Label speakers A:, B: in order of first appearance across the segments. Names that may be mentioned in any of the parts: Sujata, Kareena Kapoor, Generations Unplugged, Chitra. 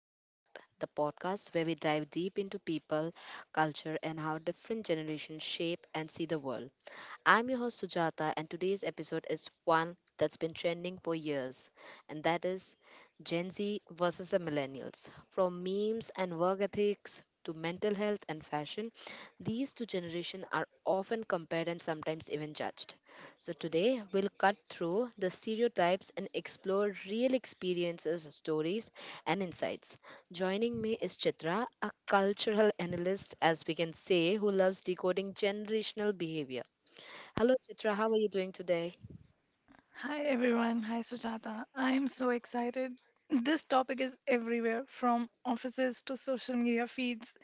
A: Unplugged, the podcast where we dive deep into people, culture, and how different generations shape and see the world. I'm your host, Sujata, and today's episode is one that's been trending for years, and that is Gen Z versus the millennials. From memes and work ethics to mental health and fashion, these two generations are often compared and sometimes even judged. So, today we'll cut through the stereotypes and explore real experiences, stories, and insights. Joining me is Chitra, a cultural analyst, as we can say, who loves decoding generational behavior. Hello, Chitra, how are you doing today?
B: Hi everyone, hi Sujata. I am so excited. This topic is everywhere from offices to social media feeds,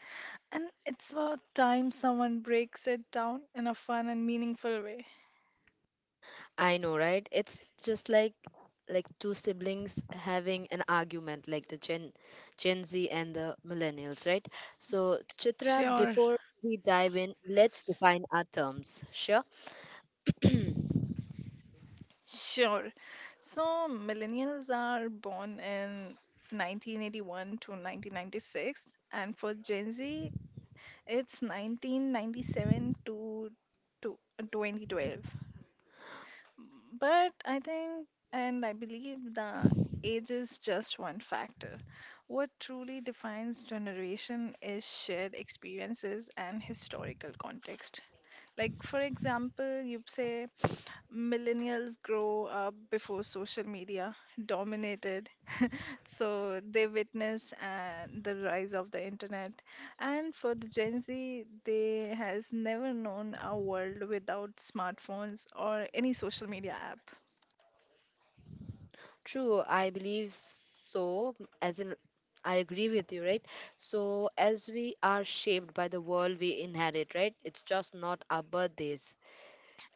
B: and it's about time someone breaks it down in a fun and meaningful way.
A: I know, right? It's just like two siblings having an argument, like the Gen z and the millennials, right? So, Chitra,
B: Sure,
A: before we dive in, let's define our terms. Sure.
B: sure. So, millennials are born in 1981 to 1996, and for Gen Z, it's 1997 to 2012. But I think and I believe the age is just one factor. What truly defines generation is shared experiences and historical context. Like, for example, you say millennials grow up before social media dominated, so they witnessed the rise of the internet. And for the Gen Z, they has never known a world without smartphones or any social media app.
A: True, I believe so. As in, I agree with you, right? So, as we are shaped by the world we inherit, right? It's just not our birthdays,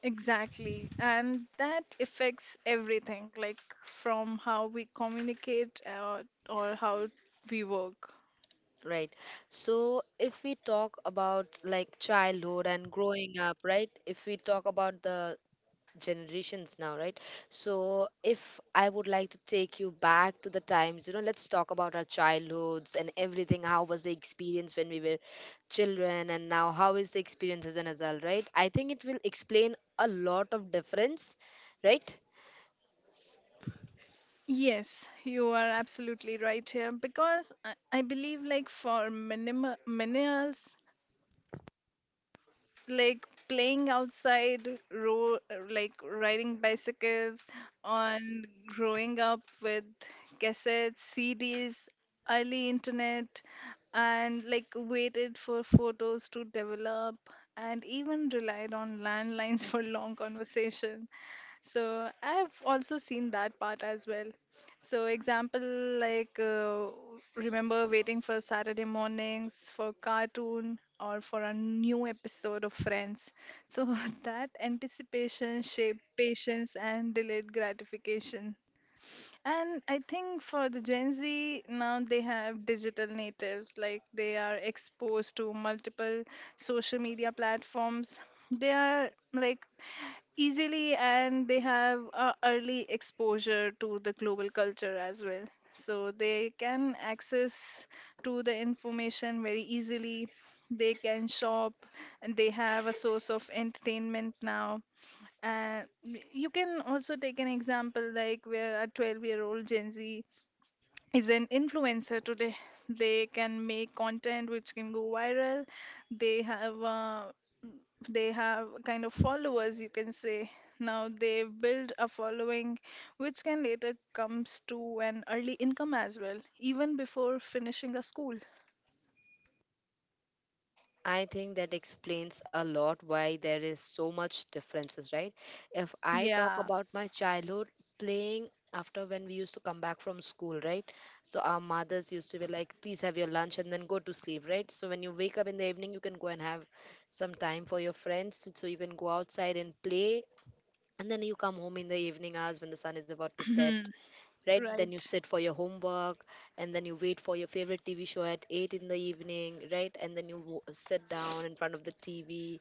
B: Exactly. And that affects everything, like from how we communicate or how we work.
A: right? So, if we talk about like childhood and growing up, right? If we talk about the generations now, right? So if I would like to take you back to the times, let's talk about our childhoods and everything. How was the experience when we were children, and now how is the experience as an adult, right? I think it will explain a lot of difference, right?
B: Yes, you are absolutely right here because I believe like for minimal millennials like playing outside, ro like riding bicycles, on growing up with cassettes, CDs, early internet, and like waited for photos to develop, and even relied on landlines for long conversation. So I've also seen that part as well. So, example like remember waiting for Saturday mornings for cartoon or for a new episode of Friends. So that anticipation shaped patience and delayed gratification. And I think for the Gen Z, now they have digital natives, like they are exposed to multiple social media platforms. They are like easily and they have a early exposure to the global culture as well. So they can access to the information very easily. They can shop and they have a source of entertainment now. Uh, you can also take an example like where a 12-year-old Gen Z is an influencer today. They can make content which can go viral. They have uh, they have kind of followers you can say. Now they build a following which can later comes to an early income as well, even before finishing a school.
A: I think that explains a lot why there is so much differences, right? If I talk
B: Yeah.
A: about my childhood playing after when we used to come back from school, right? So our mothers used to be like, please have your lunch and then go to sleep, right? So when you wake up in the evening, you can go and have some time for your friends. So you can go outside and play. And then you come home in the evening hours when the sun is about to set, right? Then you
B: Right.
A: sit for your homework and then you wait for your favorite TV show at 8 in the evening, right? And then you sit down in front of the TV,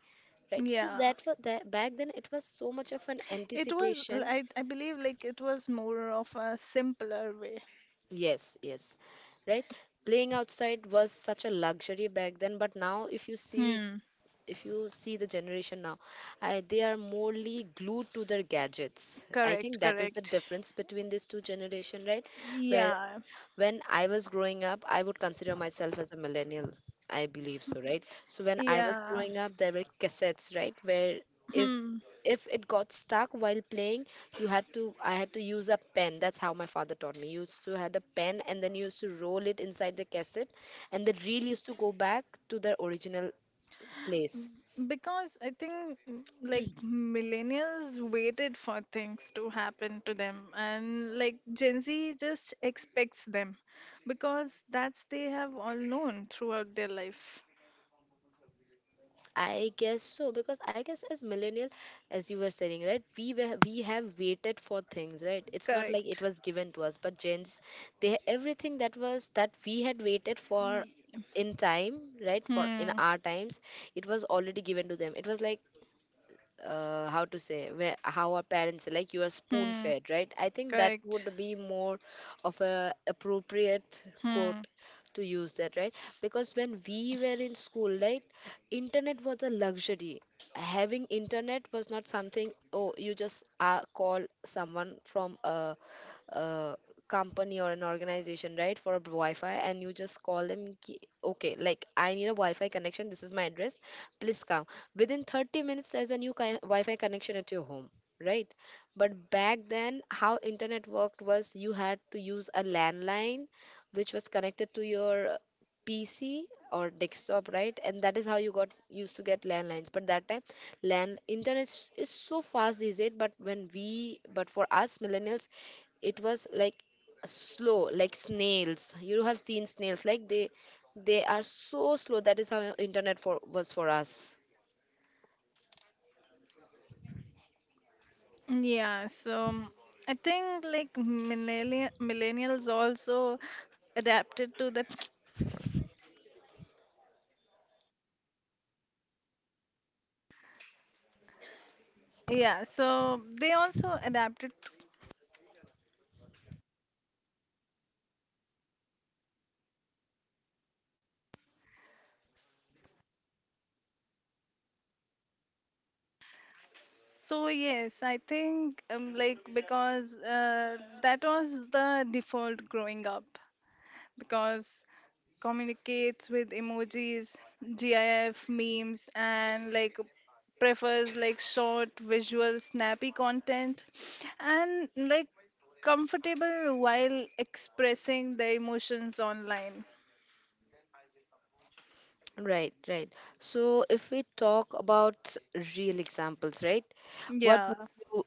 A: right? So
B: Yeah.
A: that was that. Back then it was so much of an
B: It was,
A: anticipation.
B: I believe, like it was more of a simpler way.
A: Yes, yes, right? Playing outside was such a luxury back then, but now if you see,
B: Hmm.
A: if you see the generation now, I, they are morely glued to their gadgets. I
B: Correct,
A: think that is the
B: correct.
A: difference between these two generation, right?
B: Yeah,
A: When I was growing up, I would consider myself as a millennial. I believe so, right? So when I was
B: yeah.
A: growing up, there were cassettes, right? Where if
B: Hmm.
A: if it got stuck while playing, you had to I had to use a pen. That's how my father taught me. You used to had a pen and then you used to roll it inside the cassette and the reel used to go back to the original place.
B: Because I think like millennials waited for things to happen to them, and like Gen Z just expects them because that's they have all known throughout their life.
A: I guess so, because I guess as millennial, as you were saying, right, we have waited for things, right? It's not like it
B: Correct.
A: was given to us, but gens, they everything that was that we had waited for
B: Ye-
A: in time, right, for in
B: Hmm.
A: our times, it was already given to them. It was like how to say, where how our parents, like you are spoon
B: Hmm.
A: fed, right? I think that
B: Correct.
A: would be more of a appropriate
B: Hmm.
A: quote to use that, right? Because when we were in school, right, internet was a luxury. Having internet was not something, oh, you just call someone from a uh, company or an organization, right, for a wi-fi, and you just call them, ki- okay, like I need a wi-fi connection, this is my address, please come within 30 minutes, there's a new ki- wi-fi connection at your home, right? But back then how internet worked was you had to use a landline, which was connected to your pc or desktop, right? And that is how you got used to get landlines. But that time, land internet is so fast these days, but when we, but for us millennials, it was like slow like snails. You have seen snails, like they are so slow. That is how internet for was for us,
B: Yeah, so I think like millennials also adapted to the. Yeah, so they also adapted to. So yes, I think like because that was the default growing up because communicates with emojis, GIF, memes, and like prefers like short, visual, snappy content, and like comfortable while expressing their emotions online.
A: right? Right, so if we talk about real examples, right, what would
B: Yeah.
A: you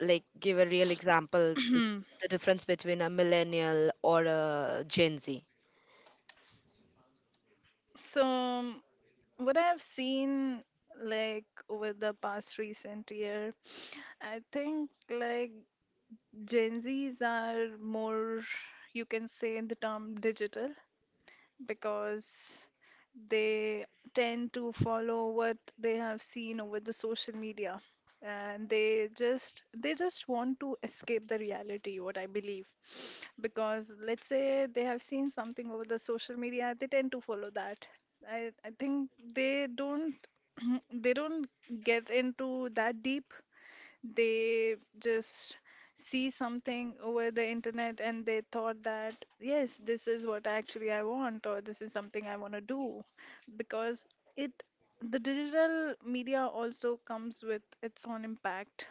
A: like give a real example, the difference between a millennial or a gen z?
B: So what I've seen like over the past recent year, I think like Gen Zs are more, you can say in the term digital because they tend to follow what they have seen over the social media and they just want to escape the reality what I believe, because let's say they have seen something over the social media they tend to follow that. I think they don't they don't get into that deep. They just see something over the internet and they thought that, yes, this is what actually I want, or this is something I want to do. Because it, the digital media also comes with its own impact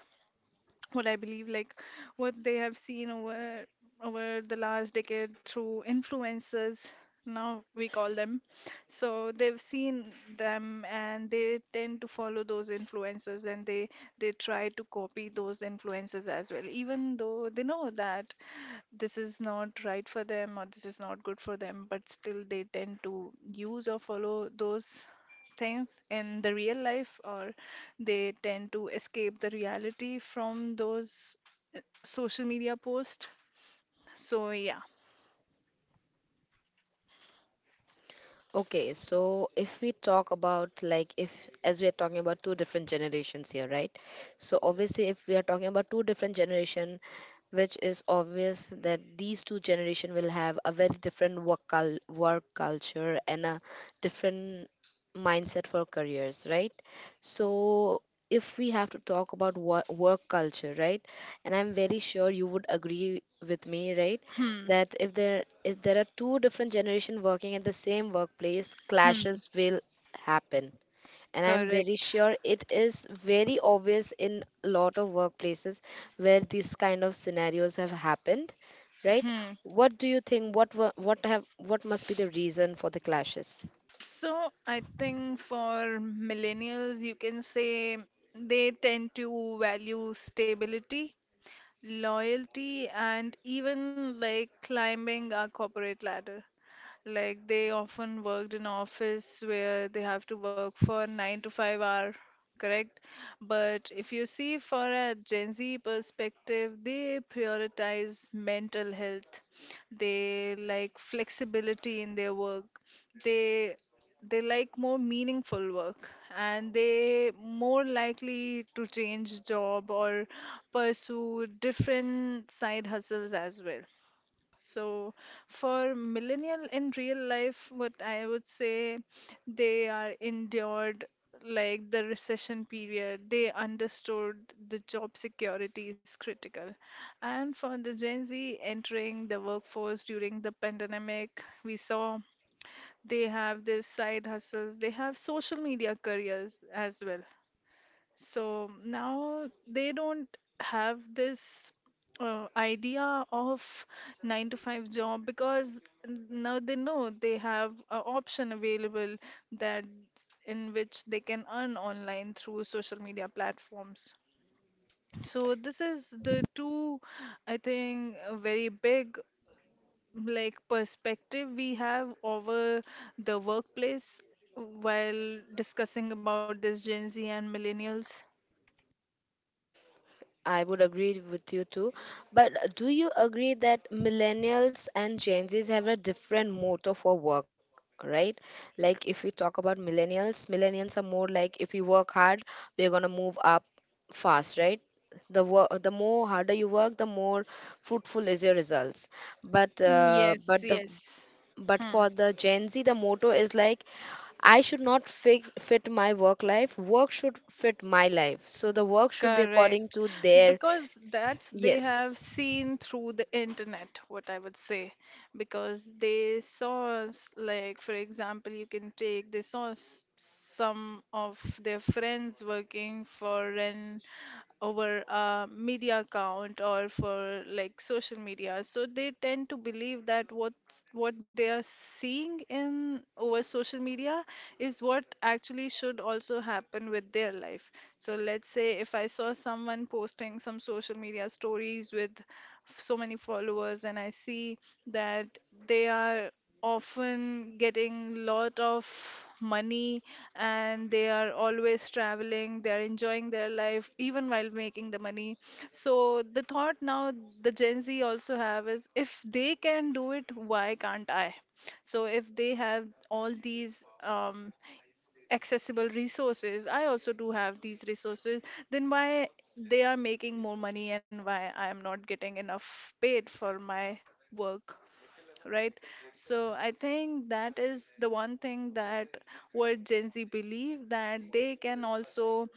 B: what I believe, like what they have seen over the last decade through influencers. Now we call them. So they've seen them and they tend to follow those influencers and they try to copy those influencers as well, even though they know that this is not right for them or this is not good for them, but still they tend to use or follow those things in the real life or they tend to escape the reality from those social media posts. So yeah.
A: Okay, so if we talk about like if as we are talking about two different generations here, right? So obviously if we are talking about two different generation, which is obvious that these two generation will have a very different work culture and a different mindset for careers, right? So if we have to talk about work culture, right? And I'm very sure you would agree with me, right?
B: Hmm.
A: That if there, if there are two different generation working at the same workplace,
B: Hmm.
A: clashes will happen, and I'm very
B: Correct.
A: sure it is very obvious in a lot of workplaces where these kind of scenarios have happened, right?
B: Hmm.
A: What do you think, what have, what must be the reason for the clashes?
B: So I think for millennials, you can say they tend to value stability, loyalty, and even like climbing a corporate ladder. Like they often worked in office where they have to work for 9 to 5 hour, correct? But if you see for a Gen Z perspective, they prioritize mental health. They like flexibility in their work. They they like more meaningful work and they more likely to change job or pursue different side hustles as well. So, for millennial in real life, what I would say they are endured like the recession period. They understood the job security is critical. And for the Gen Z entering the workforce during the pandemic, we saw they have this side hustles, they have social media careers as well. So now they don't have this idea of nine to five job because now they know they have an option available that in which they can earn online through social media platforms. So this is the two, I think, a very big like perspective we have over the workplace while discussing about this Gen Z and millennials.
A: I would agree with you too. But do you agree that millennials and Gen Zs have a different motto for work, right? Like if we talk about millennials, millennials are more like, if we work hard, we're gonna move up fast, right? The work, the more harder you work, the more fruitful is your results.
B: Yes,
A: But the
B: yes.
A: but
B: Hmm.
A: for the Gen Z, the motto is like, I should not fit, fit my work life. Work should fit my life. So the work should be according
B: Correct.
A: to their,
B: Because that's they
A: yes,
B: have seen through the internet, what I would say. Because they saw, like, for example, you can take, they saw some of their friends working for an over a media account or for like social media, so they tend to believe that what's what they are seeing in over social media is what actually should also happen with their life. So let's say if I saw someone posting some social media stories with so many followers and I see that they are often getting lot of money and they are always traveling, they are enjoying their life even while making the money. So the thought now the Gen Z also have is if they can do it, why can't I? So if they have all these accessible resources, I also do have these resources, then why they are making more money and why I am not getting enough paid for my work, right? So I think that is the one thing that where Gen Z believe that they can also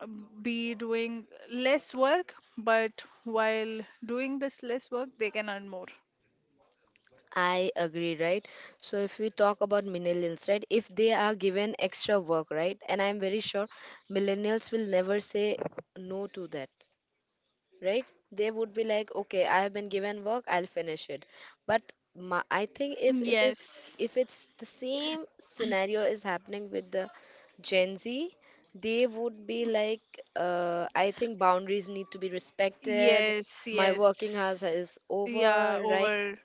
B: be doing less work, but while doing this less work, they can earn more.
A: I agree, right? So if we talk about millennials, right? If they are given extra work, right? And I'm very sure millennials will never say no to that, right? They would be like, okay, I have been given work, I'll finish it. But my, I think if it is,
B: Yes.
A: if it's the same scenario is happening with the Gen Z, they would be like, I think boundaries need to be respected.
B: Yes,
A: My working hours
B: yes.
A: is
B: Yeah,
A: over, right?
B: over.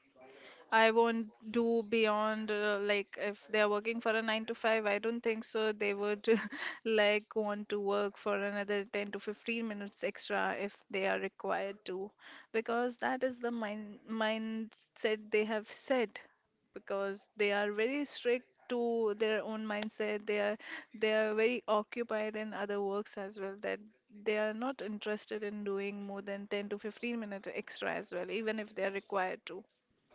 B: I won't do beyond like if they are working for a nine to five, I don't think so they would like want to work for another 10 to 15 minutes extra if they are required to, because that is the mindset they have set because they are very strict to their own mindset. They are very occupied in other works as well that they are not interested in doing more than 10 to 15 minutes extra as well, even if they are required to.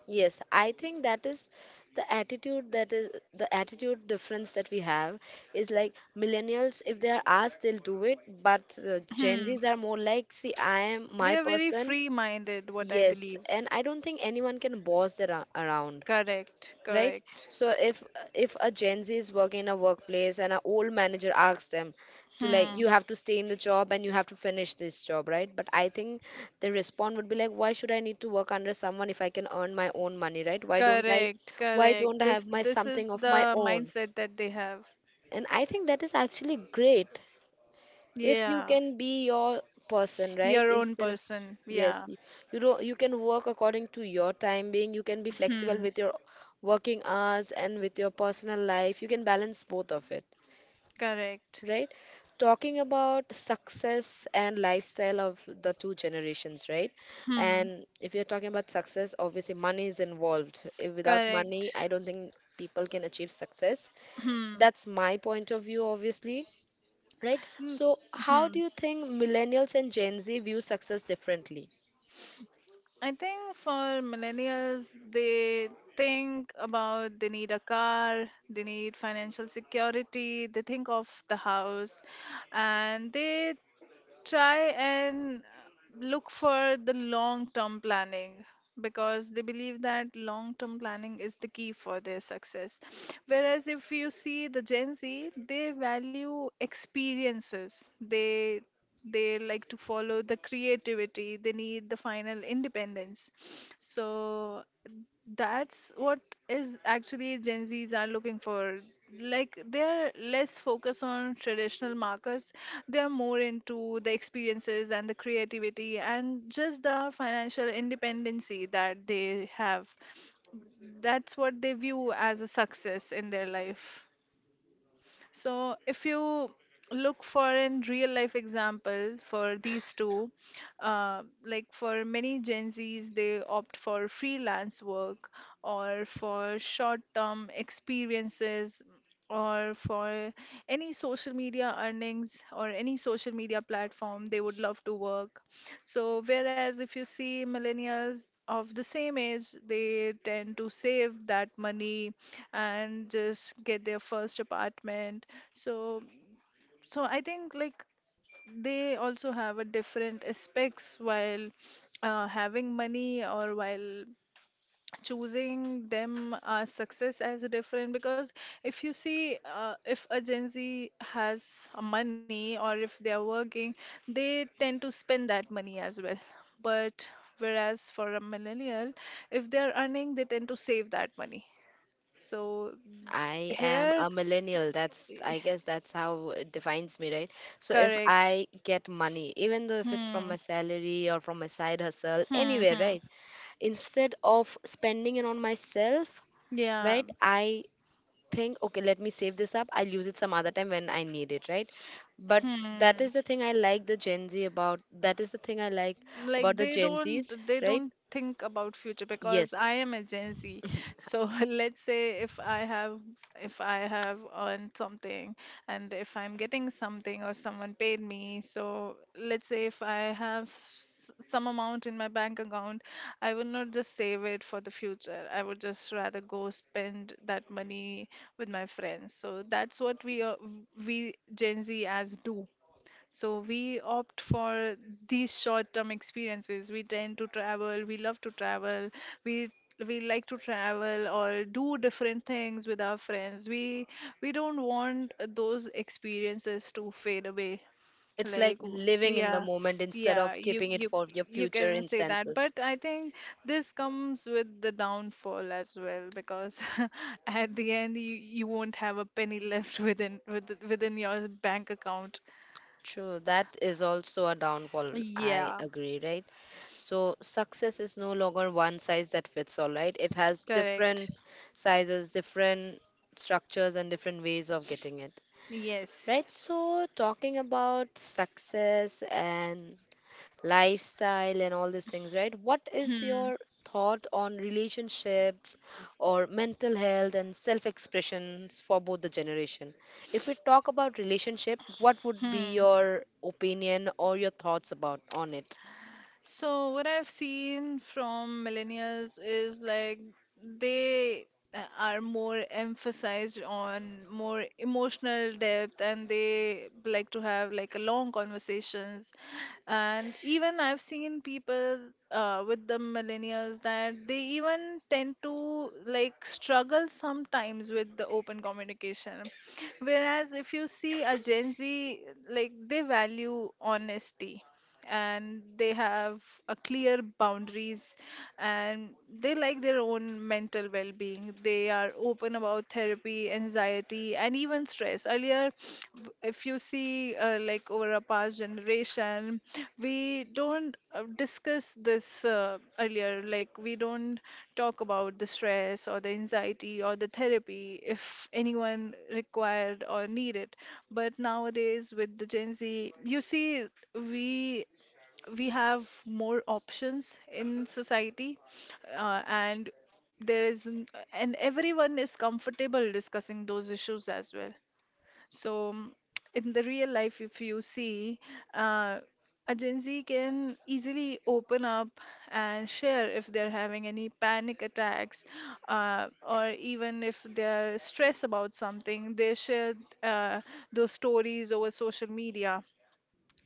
A: Yes, I think that is the attitude, that is the attitude difference that we have is like millennials, if they are asked, they'll do it, but Gen Zs are more like, see, I am my
B: They are very
A: person.
B: free minded, what I
A: Yes,
B: believe.
A: and I don't think anyone can boss them around,
B: Correct,
A: right?
B: correct.
A: So if a gen z is working in a workplace and an old manager asks them to, like
B: Hmm.
A: you have to stay in the job and you have to finish this job, right? But I think the response would be like, why should I need to work under someone if I can earn my own money, right? why don't i
B: Correct,
A: why
B: correct.
A: don't i have
B: This
A: my
B: this is
A: something of my
B: the
A: own?
B: mindset that they have.
A: And I think that is actually great if you
B: Yeah.
A: can be your person, right,
B: Your own
A: instead of,
B: person.
A: yes,
B: Yeah.
A: you know, you can work according to your time being, you can be flexible
B: Hmm.
A: with your working hours and with your personal life, you can balance both of it,
B: Correct.
A: right? Talking about success and lifestyle of the two generations, right?
B: Hmm.
A: And if you're talking about success, obviously money is involved. If without money,
B: Correct.
A: I don't think people can achieve success.
B: Hmm.
A: That's my point of view, obviously, right?
B: N-
A: So, how do
B: Hmm.
A: you think millennials and Gen Z view success differently?
B: I think for millennials, they think about they need a car, they need financial security, they think of the house, and they try and look for the long term planning because they believe that long term planning is the key for their success. Whereas if you see the Gen Z, they value experiences. They like to follow the creativity. They need the final independence. So that's what is actually Gen Zs are looking for. Like they're less focused on traditional markers. They're more into the experiences and the creativity and just the financial independency that they have. That's what they view as a success in their life. So, if you look for in real life example for these two, like for many Gen Zs, they opt for freelance work or for short-term experiences or for any social media earnings or any social media platform they would love to work. So, whereas if you see millennials of the same age, they tend to save that money and just get their first apartment. So, so I think like they also have a different aspects while having money or while choosing them as success as a different because if you see if a Gen Z has a money or if they are working they tend to spend that money as well, but whereas for a millennial if they are earning they tend to save that money. So
A: I am
B: here,
A: a millennial. That's, I guess, that's how it defines me, right? So, if
B: correct.
A: I get money, even though if it's from my
B: Hmm.
A: salary or from my side hustle,
B: Hmm.
A: anywhere,
B: Hmm.
A: right? Instead of spending it on myself,
B: Yeah.
A: right? I think, okay, let me save this up. I'll use it some other time when I need it, right? But that
B: Hmm.
A: is the thing I like the Gen Z about. That is the thing I like about
B: Like
A: the
B: they
A: Gen Zs,
B: don't, they
A: right?
B: don't think about future because
A: Yes,
B: I am a Gen Z. So let's say if I have, if I have earned something and if I'm getting something or someone paid me, so let's say if I have some amount in my bank account, I would not just save it for the future. I would just rather go spend that money with my friends. So that's what we are, we Gen Z as do. So we opt for these short-term experiences. We tend to travel, we love to travel, we we like to travel or do different things with our friends. We don't want those experiences to fade away.
A: it's like
B: Like w-
A: living in the
B: yeah,
A: moment instead
B: yeah,
A: of
B: you
A: keeping it
B: you
A: for your
B: you
A: future
B: can say that,
A: instances.
B: but I think this comes with the downfall as well because at the end you won't have a penny left within your bank account.
A: True, that is also a downfall. I
B: Yeah.
A: agree, right? So, success is no longer one size that fits all, right? It has
B: Correct.
A: different sizes, different structures, and different ways of getting it,
B: Yes.
A: right? So, talking about success and lifestyle and all these things, right, what is
B: Hmm.
A: your thought on relationships or mental health and self expressions for both the generation? If we talk about relationship, what would be
B: Hmm.
A: your opinion or your thoughts about on it?
B: So what I've seen from millennials is like they are more emphasized on more emotional depth, and they like to have like a long conversations. And even I've seen people with the millennials that they even tend to like struggle sometimes with the open communication, whereas if you see a Gen Z, like they value honesty and they have a clear boundaries, and they like their own mental well-being. They are open about therapy, anxiety, and even stress. Earlier, if you see like over a past generation, we don't discuss this earlier. Like we don't talk about the stress or the anxiety or the therapy if anyone required or needed. But nowadays with the Gen Z, you see, we we have more options in society, and there is n- and everyone is comfortable discussing those issues as well. So in the real life, if you see, uh, a Gen Z can easily open up and share if they're having any panic attacks, or even if they're stressed about something, they share uh, those stories over social media.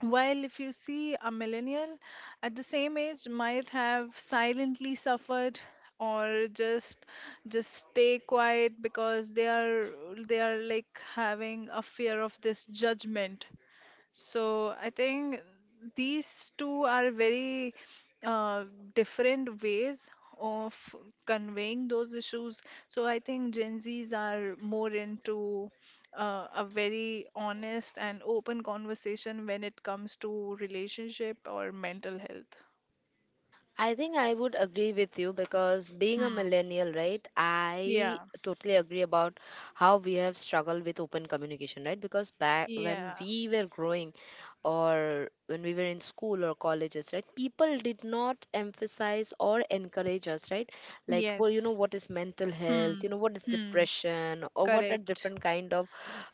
B: While if you see a millennial at the same age, might have silently suffered, or just stay quiet because they are like having a fear of this judgment. So I think these two are very uh, different ways of conveying those issues. So I think Gen Zs are more into a very honest and open conversation when it comes to relationship or mental health.
A: I think I would agree with you because being a
B: Hmm.
A: millennial, right, I
B: Yeah.
A: totally agree about how we have struggled with open communication, right? Because back when
B: Yeah.
A: we were growing or when we were in school or colleges, right, people did not emphasize or encourage us, right? Like, well, you know,
B: Yes.
A: what is mental health,
B: Hmm.
A: you know, what is
B: Hmm.
A: depression, or what are
B: Correct.
A: different kind of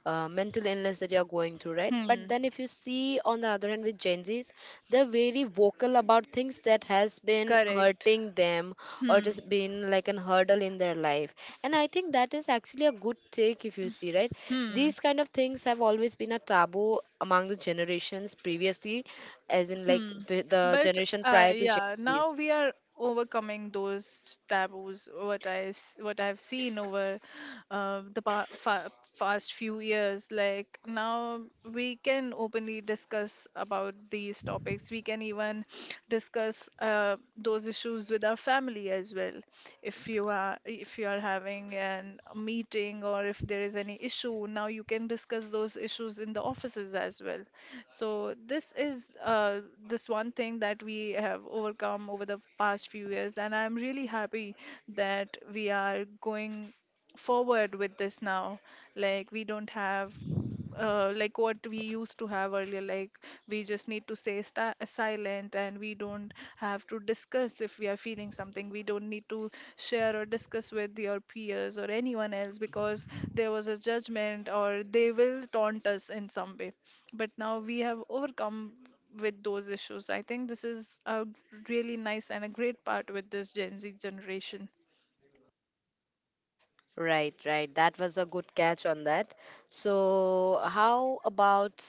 A: mental illness that you're going through, right? But
B: Hmm.
A: then if you see on the other hand with Gen Zs, they're very vocal about things that has been
B: Correct.
A: hurting them or it
B: Hmm.
A: has been like an hurdle in their life. And
B: S-
A: I think that is actually a good take if you see, right?
B: Hmm.
A: These kind of things have always been a taboo among the generations previously, as in like
B: Hmm.
A: the
B: But
A: generation prior to Gen
B: yeah,
A: Zs.
B: now we are overcoming those taboos. What what I've seen over the pa fa fast few years, like now we can openly discuss about these topics. We can even discuss those issues with our family as well. If you are having an a meeting, or if there is any issue, now you can discuss those issues in the offices as well. So this is this one thing that we have overcome over the past few years, and I'm really happy that we are going forward with this now. Like we don't have like what we used to have earlier. Like we just need to stay sta silent, and we don't have to discuss. If we are feeling something, we don't need to share or discuss with your peers or anyone else because there was a judgment, or they will taunt us in some way. But now we have overcome with those issues. I think this is a really nice and a great part with this Gen Z generation.
A: Right, right. That was a good catch on that. So, how about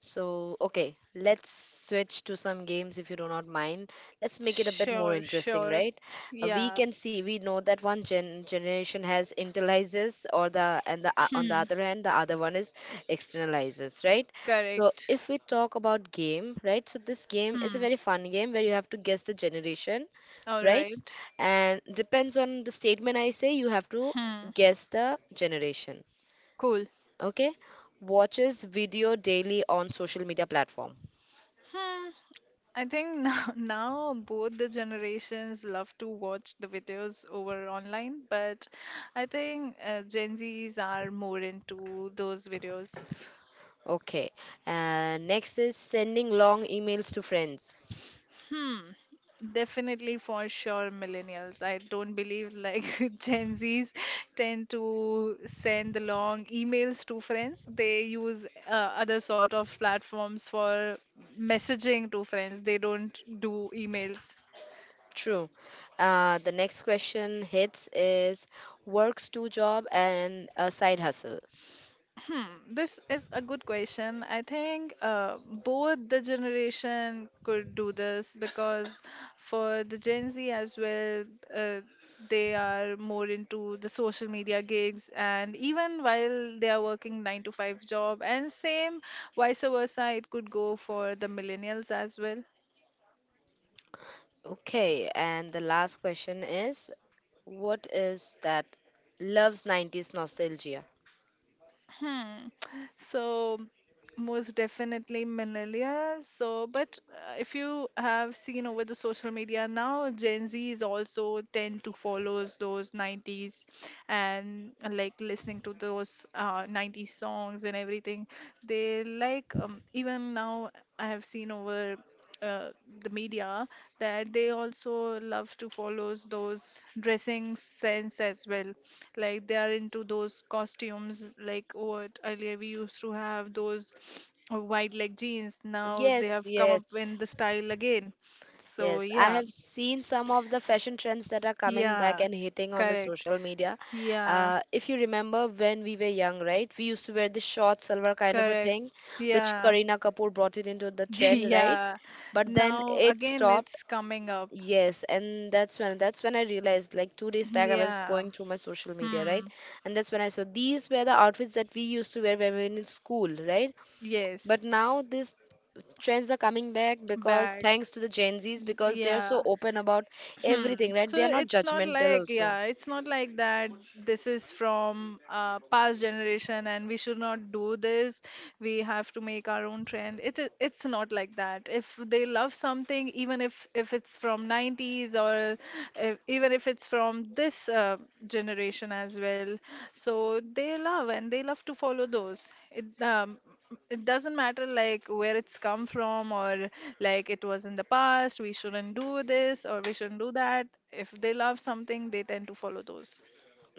A: So, okay, Let's switch to some games if you do not mind. Let's make it a bit more
B: Sure,
A: interesting,
B: sure.
A: right? We
B: Yeah.
A: can see, we know that one generation has internalizes, or the and the on the
B: Hmm.
A: other hand, the other one is externalizes, right? So,
B: Correct.
A: if we talk about game, right? So, this game is a
B: Hmm.
A: very fun game where you have to guess the generation,
B: All
A: right?
B: right.
A: And depends on the statement I say, you have to
B: Hmm.
A: guess the generation,
B: Cool.
A: okay? Watches video daily on social media platform.
B: Hmm. I think now, now both the generations love to watch the videos over online, but I think Gen Zs are more into those videos.
A: Okay. Next is sending long emails to friends.
B: Hmm. Definitely for sure millennials. I don't believe like Gen Zs tend to send long emails to friends. They use other sort of platforms for messaging to friends. They don't do emails.
A: True. The next question hits is works two job and a side hustle.
B: Hmm, this is a good question. I think both the generation could do this because for the Gen Z as well, uh, they are more into the social media gigs, and even while they are working 9 to 5 job, and same vice versa, it could go for the millennials as well.
A: Okay. And the last question is what is that loves 90s nostalgia?
B: Hmm. So most definitely millennials. So, but if you have seen over the social media now, Gen Z is also tend to follows those 90s and like listening to those 90s songs and everything. They like even now I have seen over uh, the media that they also love to follow those dressing sense as well. Like they are into those costumes, like what earlier we used to have those wide leg jeans. Now they
A: Yes,
B: have come up
A: yes.
B: in the style again. So
A: Yes, I
B: yeah,
A: have seen some of the fashion trends that are coming back
B: yeah,
A: and hitting on the
B: correct.
A: social media.
B: Yeah,
A: If you remember when we were young, right? We used to wear the short silver kind of a
B: correct.
A: thing, which
B: Yeah,
A: Kareena Kapoor brought it into the trend, right?
B: yeah.
A: But then
B: Now
A: it
B: again,
A: stopped.
B: it's coming up.
A: Yes, and that's when I realized like 2 days back I was
B: Yeah.
A: going through my social media, right?
B: Hmm.
A: And that's when I saw these were the outfits that we used to wear when we were in school, right?
B: Yes.
A: But now this trends are coming back because
B: Back.
A: thanks to the Gen Zs, because they are so
B: Yeah.
A: open about
B: Hmm.
A: everything, right? They
B: So
A: are not
B: it's not
A: judgmental,
B: like,
A: also.
B: yeah, it's not like that this is from past generation and we should not do this. We have to make our own trend. It's not like that. If they love something, even if it's from 90s, or if, even if it's from this generation as well, so they love, and they love to follow those. It doesn't matter like where it's come from, or like it was in the past we shouldn't do this or we shouldn't do that. If they love something, they tend to follow those.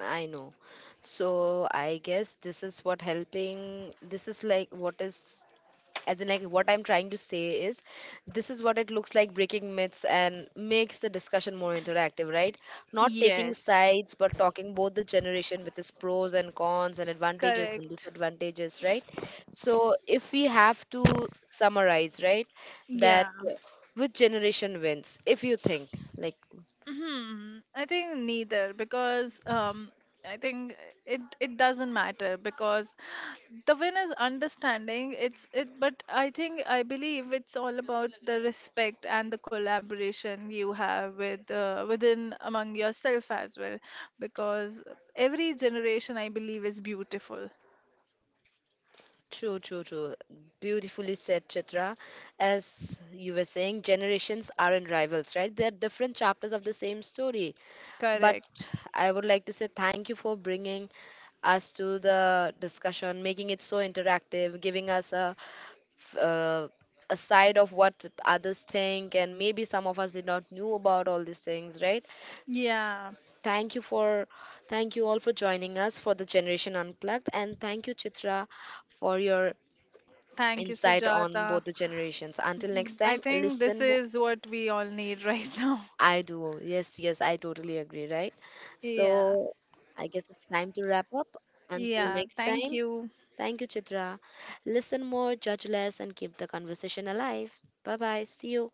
A: I know. So I guess this is what helping. This is like what is as in like what I'm trying to say is This is what it looks like, breaking myths and makes the discussion more interactive, right? Not taking
B: Yes.
A: sides, but talking both the generation with its pros and cons and advantages and
B: Correct.
A: disadvantages, right? So if we have to summarize, right, that
B: Yeah.
A: which generation wins if you think, like.
B: Hmm, I think neither because I think it doesn't matter because the win is understanding. It's, but I think I believe it's all about the respect and the collaboration you have with within among yourself as well, because every generation I believe is beautiful.
A: True, true, true. Beautifully said, Chitra. As you were saying, generations aren't rivals, right? They're different chapters of the same story. But
B: Correct.
A: I would like to say thank you for bringing us to the discussion, making it so interactive, giving us a f- uh, a side of what others think, and maybe some of us did not knew about all these things, right? S-
B: Yeah.
A: Thank you for thank you all for joining us for the Generation Unplugged, and thank you Chitra for your
B: Thank you,
A: insight on
B: Sujata.
A: both the generations. Until next
B: I
A: time,
B: think this
A: listen. Mo-
B: is what we all need right now.
A: I do. Yes, yes, I totally agree, right?
B: Yeah.
A: So I guess it's time to wrap up. Until
B: Yeah,
A: next
B: thank
A: time,
B: you.
A: thank you, Chitra. Listen more, judge less, and keep the conversation alive. Bye bye. See you.